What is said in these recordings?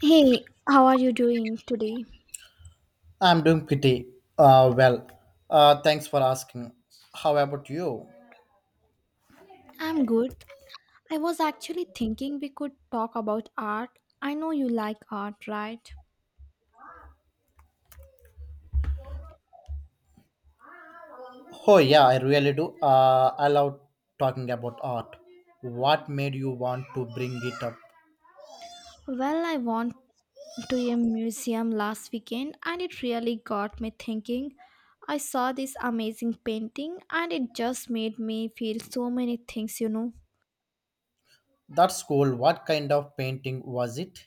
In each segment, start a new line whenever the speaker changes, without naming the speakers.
Hey, how are you doing today?
I'm doing pretty well. Thanks for asking. How about you?
I'm good. I was actually thinking we could talk about art. I know you like art, right?
Oh, yeah, I really do. I love talking about art. What made you want to bring it up?
Well, I went to a museum last weekend and it really got me thinking. I saw this amazing painting and it just made me feel so many things.
That's cool. What kind of painting was it?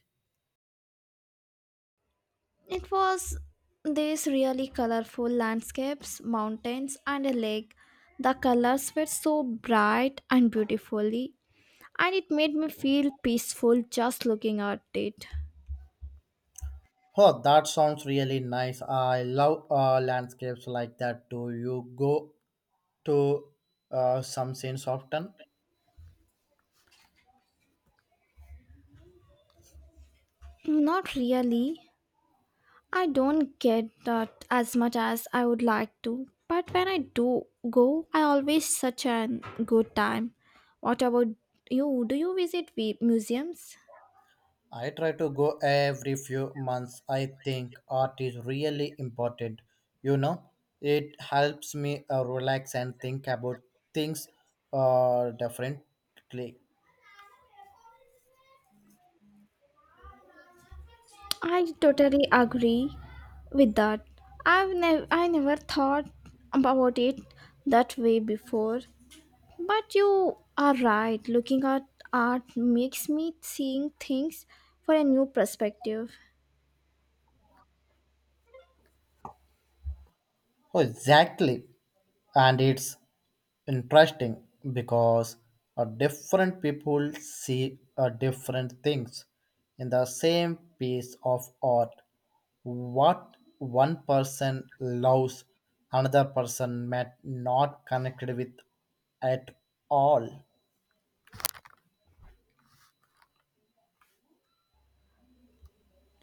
It was these really colorful landscapes, mountains, and a lake. The colors were so bright and beautifully and it made me feel peaceful just looking at it.
Oh, that sounds really nice. I love landscapes like that. Do you go to some scenes often?
Not really. I don't get that as much as I would like to, but when I do go, I always such a good time. What about you? Do you visit museums?
I try to go every few months. I think art is really important. You know, it helps me relax and think about things differently.
I totally agree with that. I never thought about it that way before. But you are right. Looking at art makes me seeing things for a new perspective.
Oh, exactly. And it's interesting because different people see different things in the same piece of art. What one person loves, another person may not connect with at all.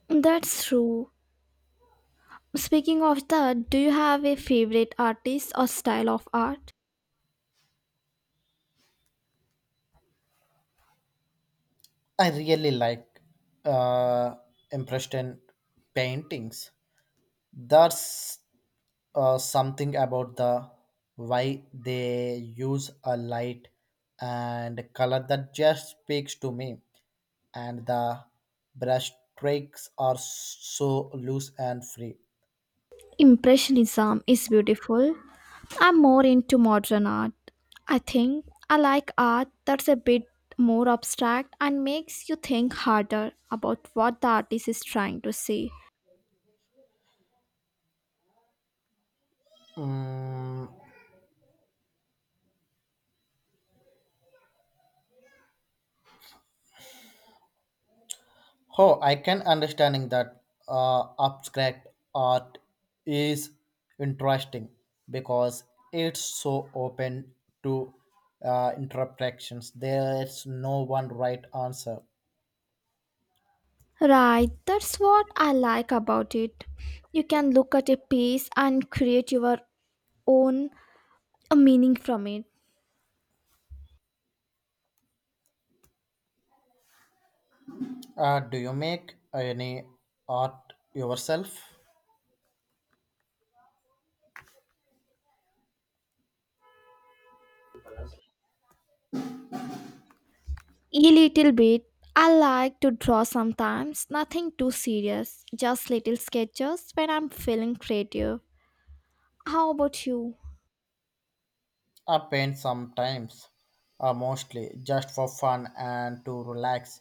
That's true. Speaking of that, do you have a favorite artist or style of art?
I really like uh, impression paintings. That's something about the why they use a light and color that just speaks to me, and the brush strokes are so loose and free.
Impressionism is beautiful. I'm more into modern art. I think I like art that's a bit more abstract and makes you think harder about what the artist is trying to say.
mm, oh, I can understanding that abstract art is interesting because it's so open to interpretations. There's no one right answer.
Right, that's what I like about it. You can look at a piece and create your own meaning from it.
Do you make any art yourself?
A little bit. I like to draw sometimes, nothing too serious, just little sketches when I'm feeling creative. How about you?
I paint sometimes, mostly just for fun and to relax.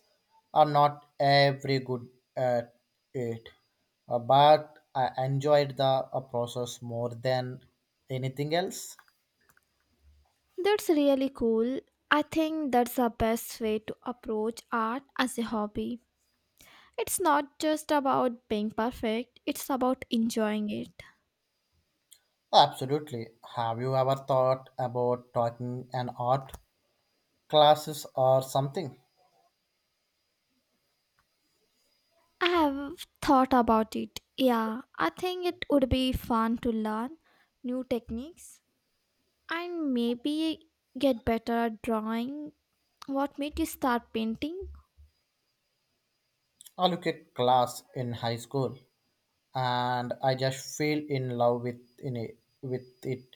I'm not every good at it, but I enjoyed the process more than anything else.
That's really cool. I think that's the best way to approach art as a hobby. It's not just about being perfect, it's about enjoying it.
Absolutely. Have you ever thought about taking an art classes or something?
I have thought about it. Yeah, I think it would be fun to learn new techniques and maybe get better at drawing. What made you start painting?
I look at class in high school, and I just fell in love with in it, with it.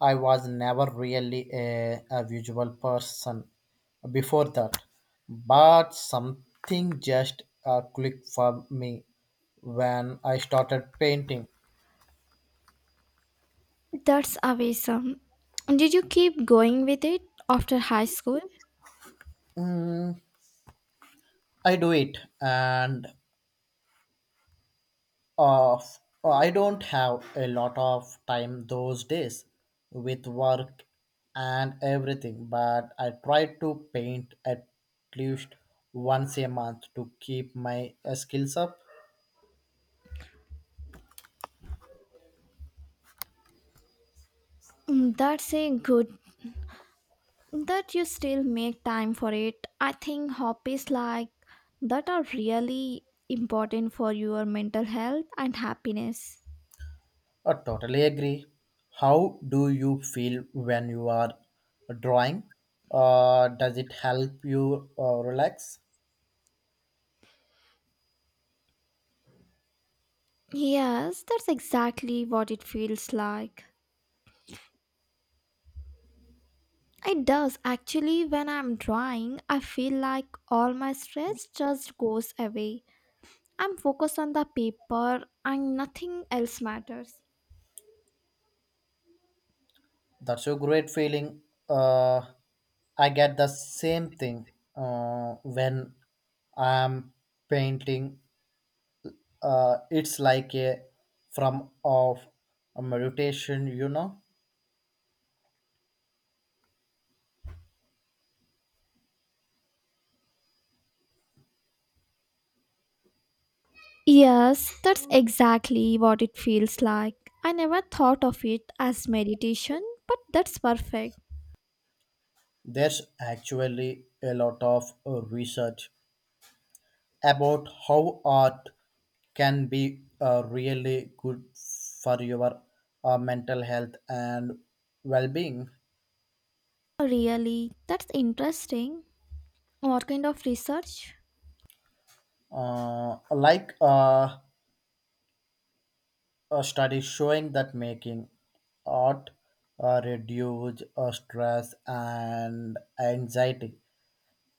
I was never really a visual person before that, but something just clicked for me when I started painting.
That's awesome. Did you keep going with it after high school?
Mm, I do it, and Uh, I don't have a lot of time those days with work and everything, but I try to paint at least once a month to keep my skills up.
Mm, that's a good that you still make time for it. I think hobbies like that are really important for your mental health and happiness.
I totally agree. How do you feel when you are drawing? Does it help you relax?
Yes, that's exactly what it feels like. It does actually when I'm drawing, I feel like all my stress just goes away. I'm focused on the paper and nothing else matters.
That's a great feeling. Uh, I get the same thing when I'm painting. It's like a from of a meditation, you know.
Yes, that's exactly what it feels like. I never thought of it as meditation, but that's perfect.
There's actually a lot of research about how art can be really good for your mental health and well-being.
Really, that's interesting. What kind of research?
Like, a study showing that making art reduce stress and anxiety,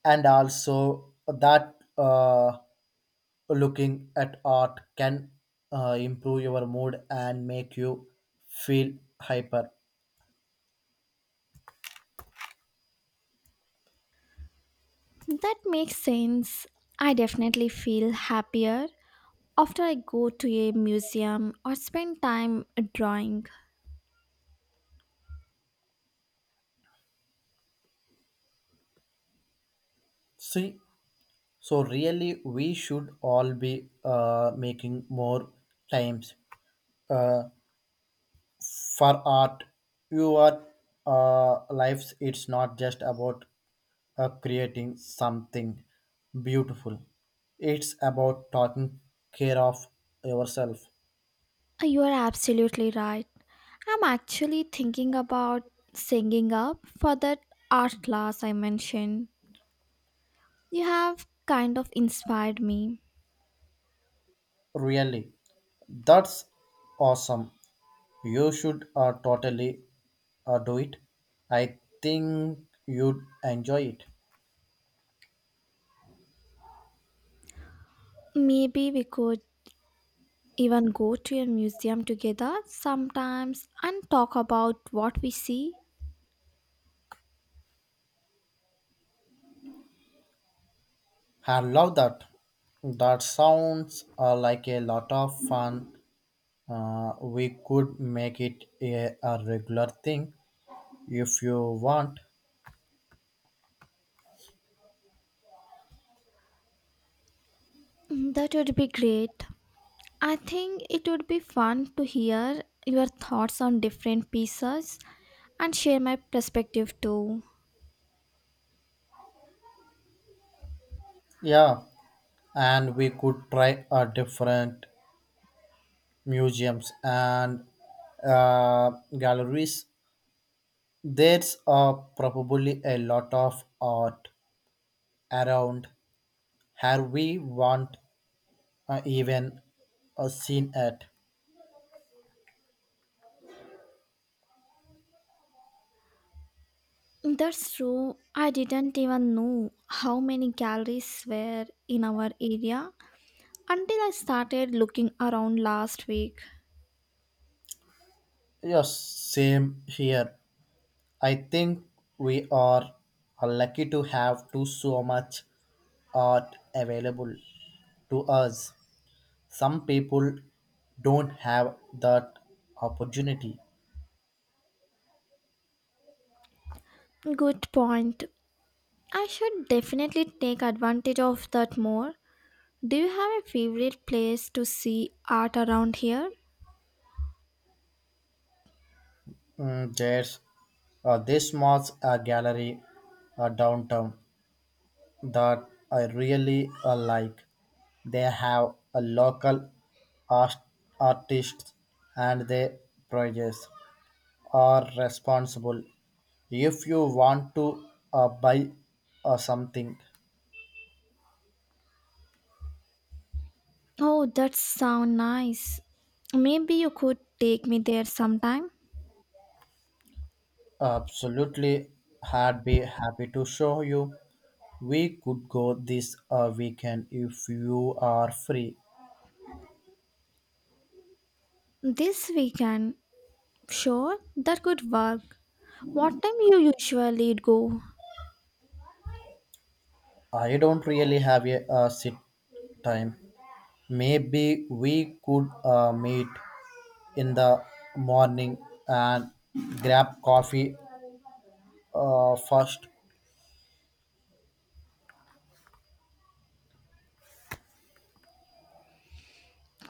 and also that looking at art can improve your mood and make you feel hyper.
That makes sense. I definitely feel happier after I go to a museum or spend time drawing,
See, so really, we should all be making more times. Uh, for art your lives, it's not just about creating something beautiful, it's about taking care of yourself.
you are absolutely right. I'm actually thinking about singing up for that art class I mentioned. You have kind of inspired me.
Really, that's awesome. You should totally do it. I think you'd enjoy it.
Maybe we could even go to a museum together sometimes and talk about what we see.
I love that. That sounds like a lot of fun. We could make it a regular thing if you want.
Mm, that would be great. I think it would be fun to hear your thoughts on different pieces and share my perspective too.
Yeah, and we could try a different museums and uh, galleries. There's probably a lot of art around here we want even seen at.
That's true. I didn't even know how many galleries were in our area until I started looking around last week.
Yes, same here. I think we are lucky to have to so much art available to us. Some people don't have that opportunity.
Good point. I should definitely take advantage of that more. Do you have a favorite place to see art around here?
There's this small gallery downtown that I really like. They have a local art- artists and their projects are responsible if you want to buy something.
Oh, that sounds nice. Maybe you could take me there sometime.
Absolutely, I'd be happy to show you. We could go this weekend if you are free.
This weekend. Sure, that could work. What time you usually go?
I don't really have a sit time. Maybe we could meet in the morning and grab coffee first.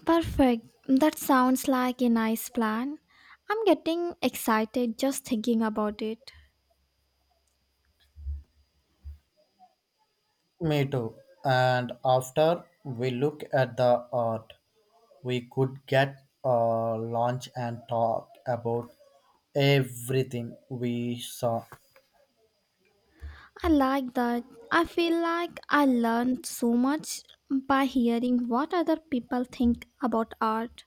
Perfect. That sounds like a nice plan. I'm getting excited just thinking about it.
Me too. And after we look at the art, we could get a lunch and talk about everything we saw.
I like that. I feel like I learned so much by hearing what other people think about art.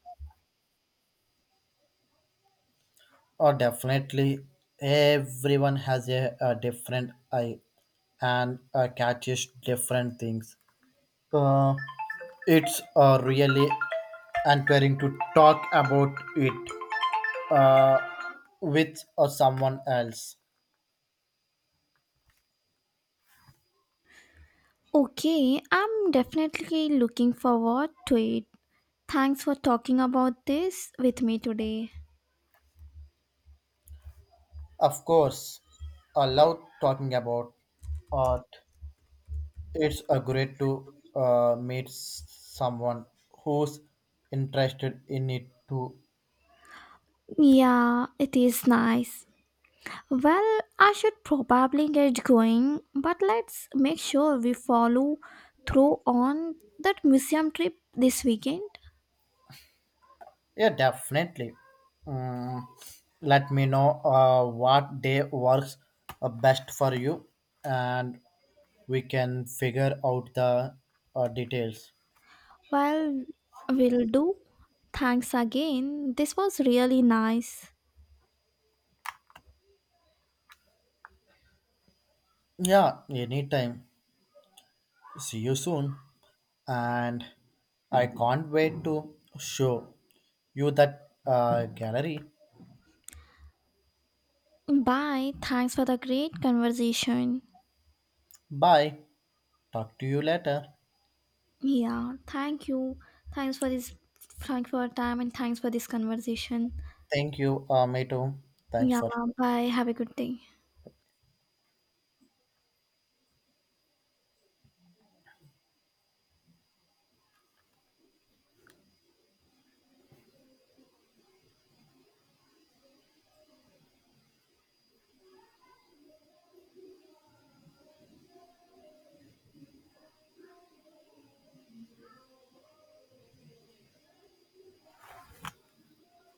Or definitely, everyone has a different eye and catches different things. Uh, it's really encouraging to talk about it uh, with someone else.
Okay, I'm definitely looking forward to it. Thanks for talking about this with me today.
Of course, I love talking about art. It's a great to meet someone who's interested in it too.
Yeah, it is nice. Well, I should probably get going, but let's make sure we follow through on that museum trip this weekend.
Yeah, definitely. Mm, Let me know what day works best for you, and we can figure out the details.
Well, will do. Thanks again. This was really nice.
Yeah, anytime. See you soon, and I can't wait to show you that gallery.
Bye. Thanks for the great conversation.
Bye. Talk to you later.
Yeah, thank you. Thanks for this. Thanks for your time and thanks for this conversation.
Thank you, me too. Thanks
Yeah,
for
bye. Have a good day.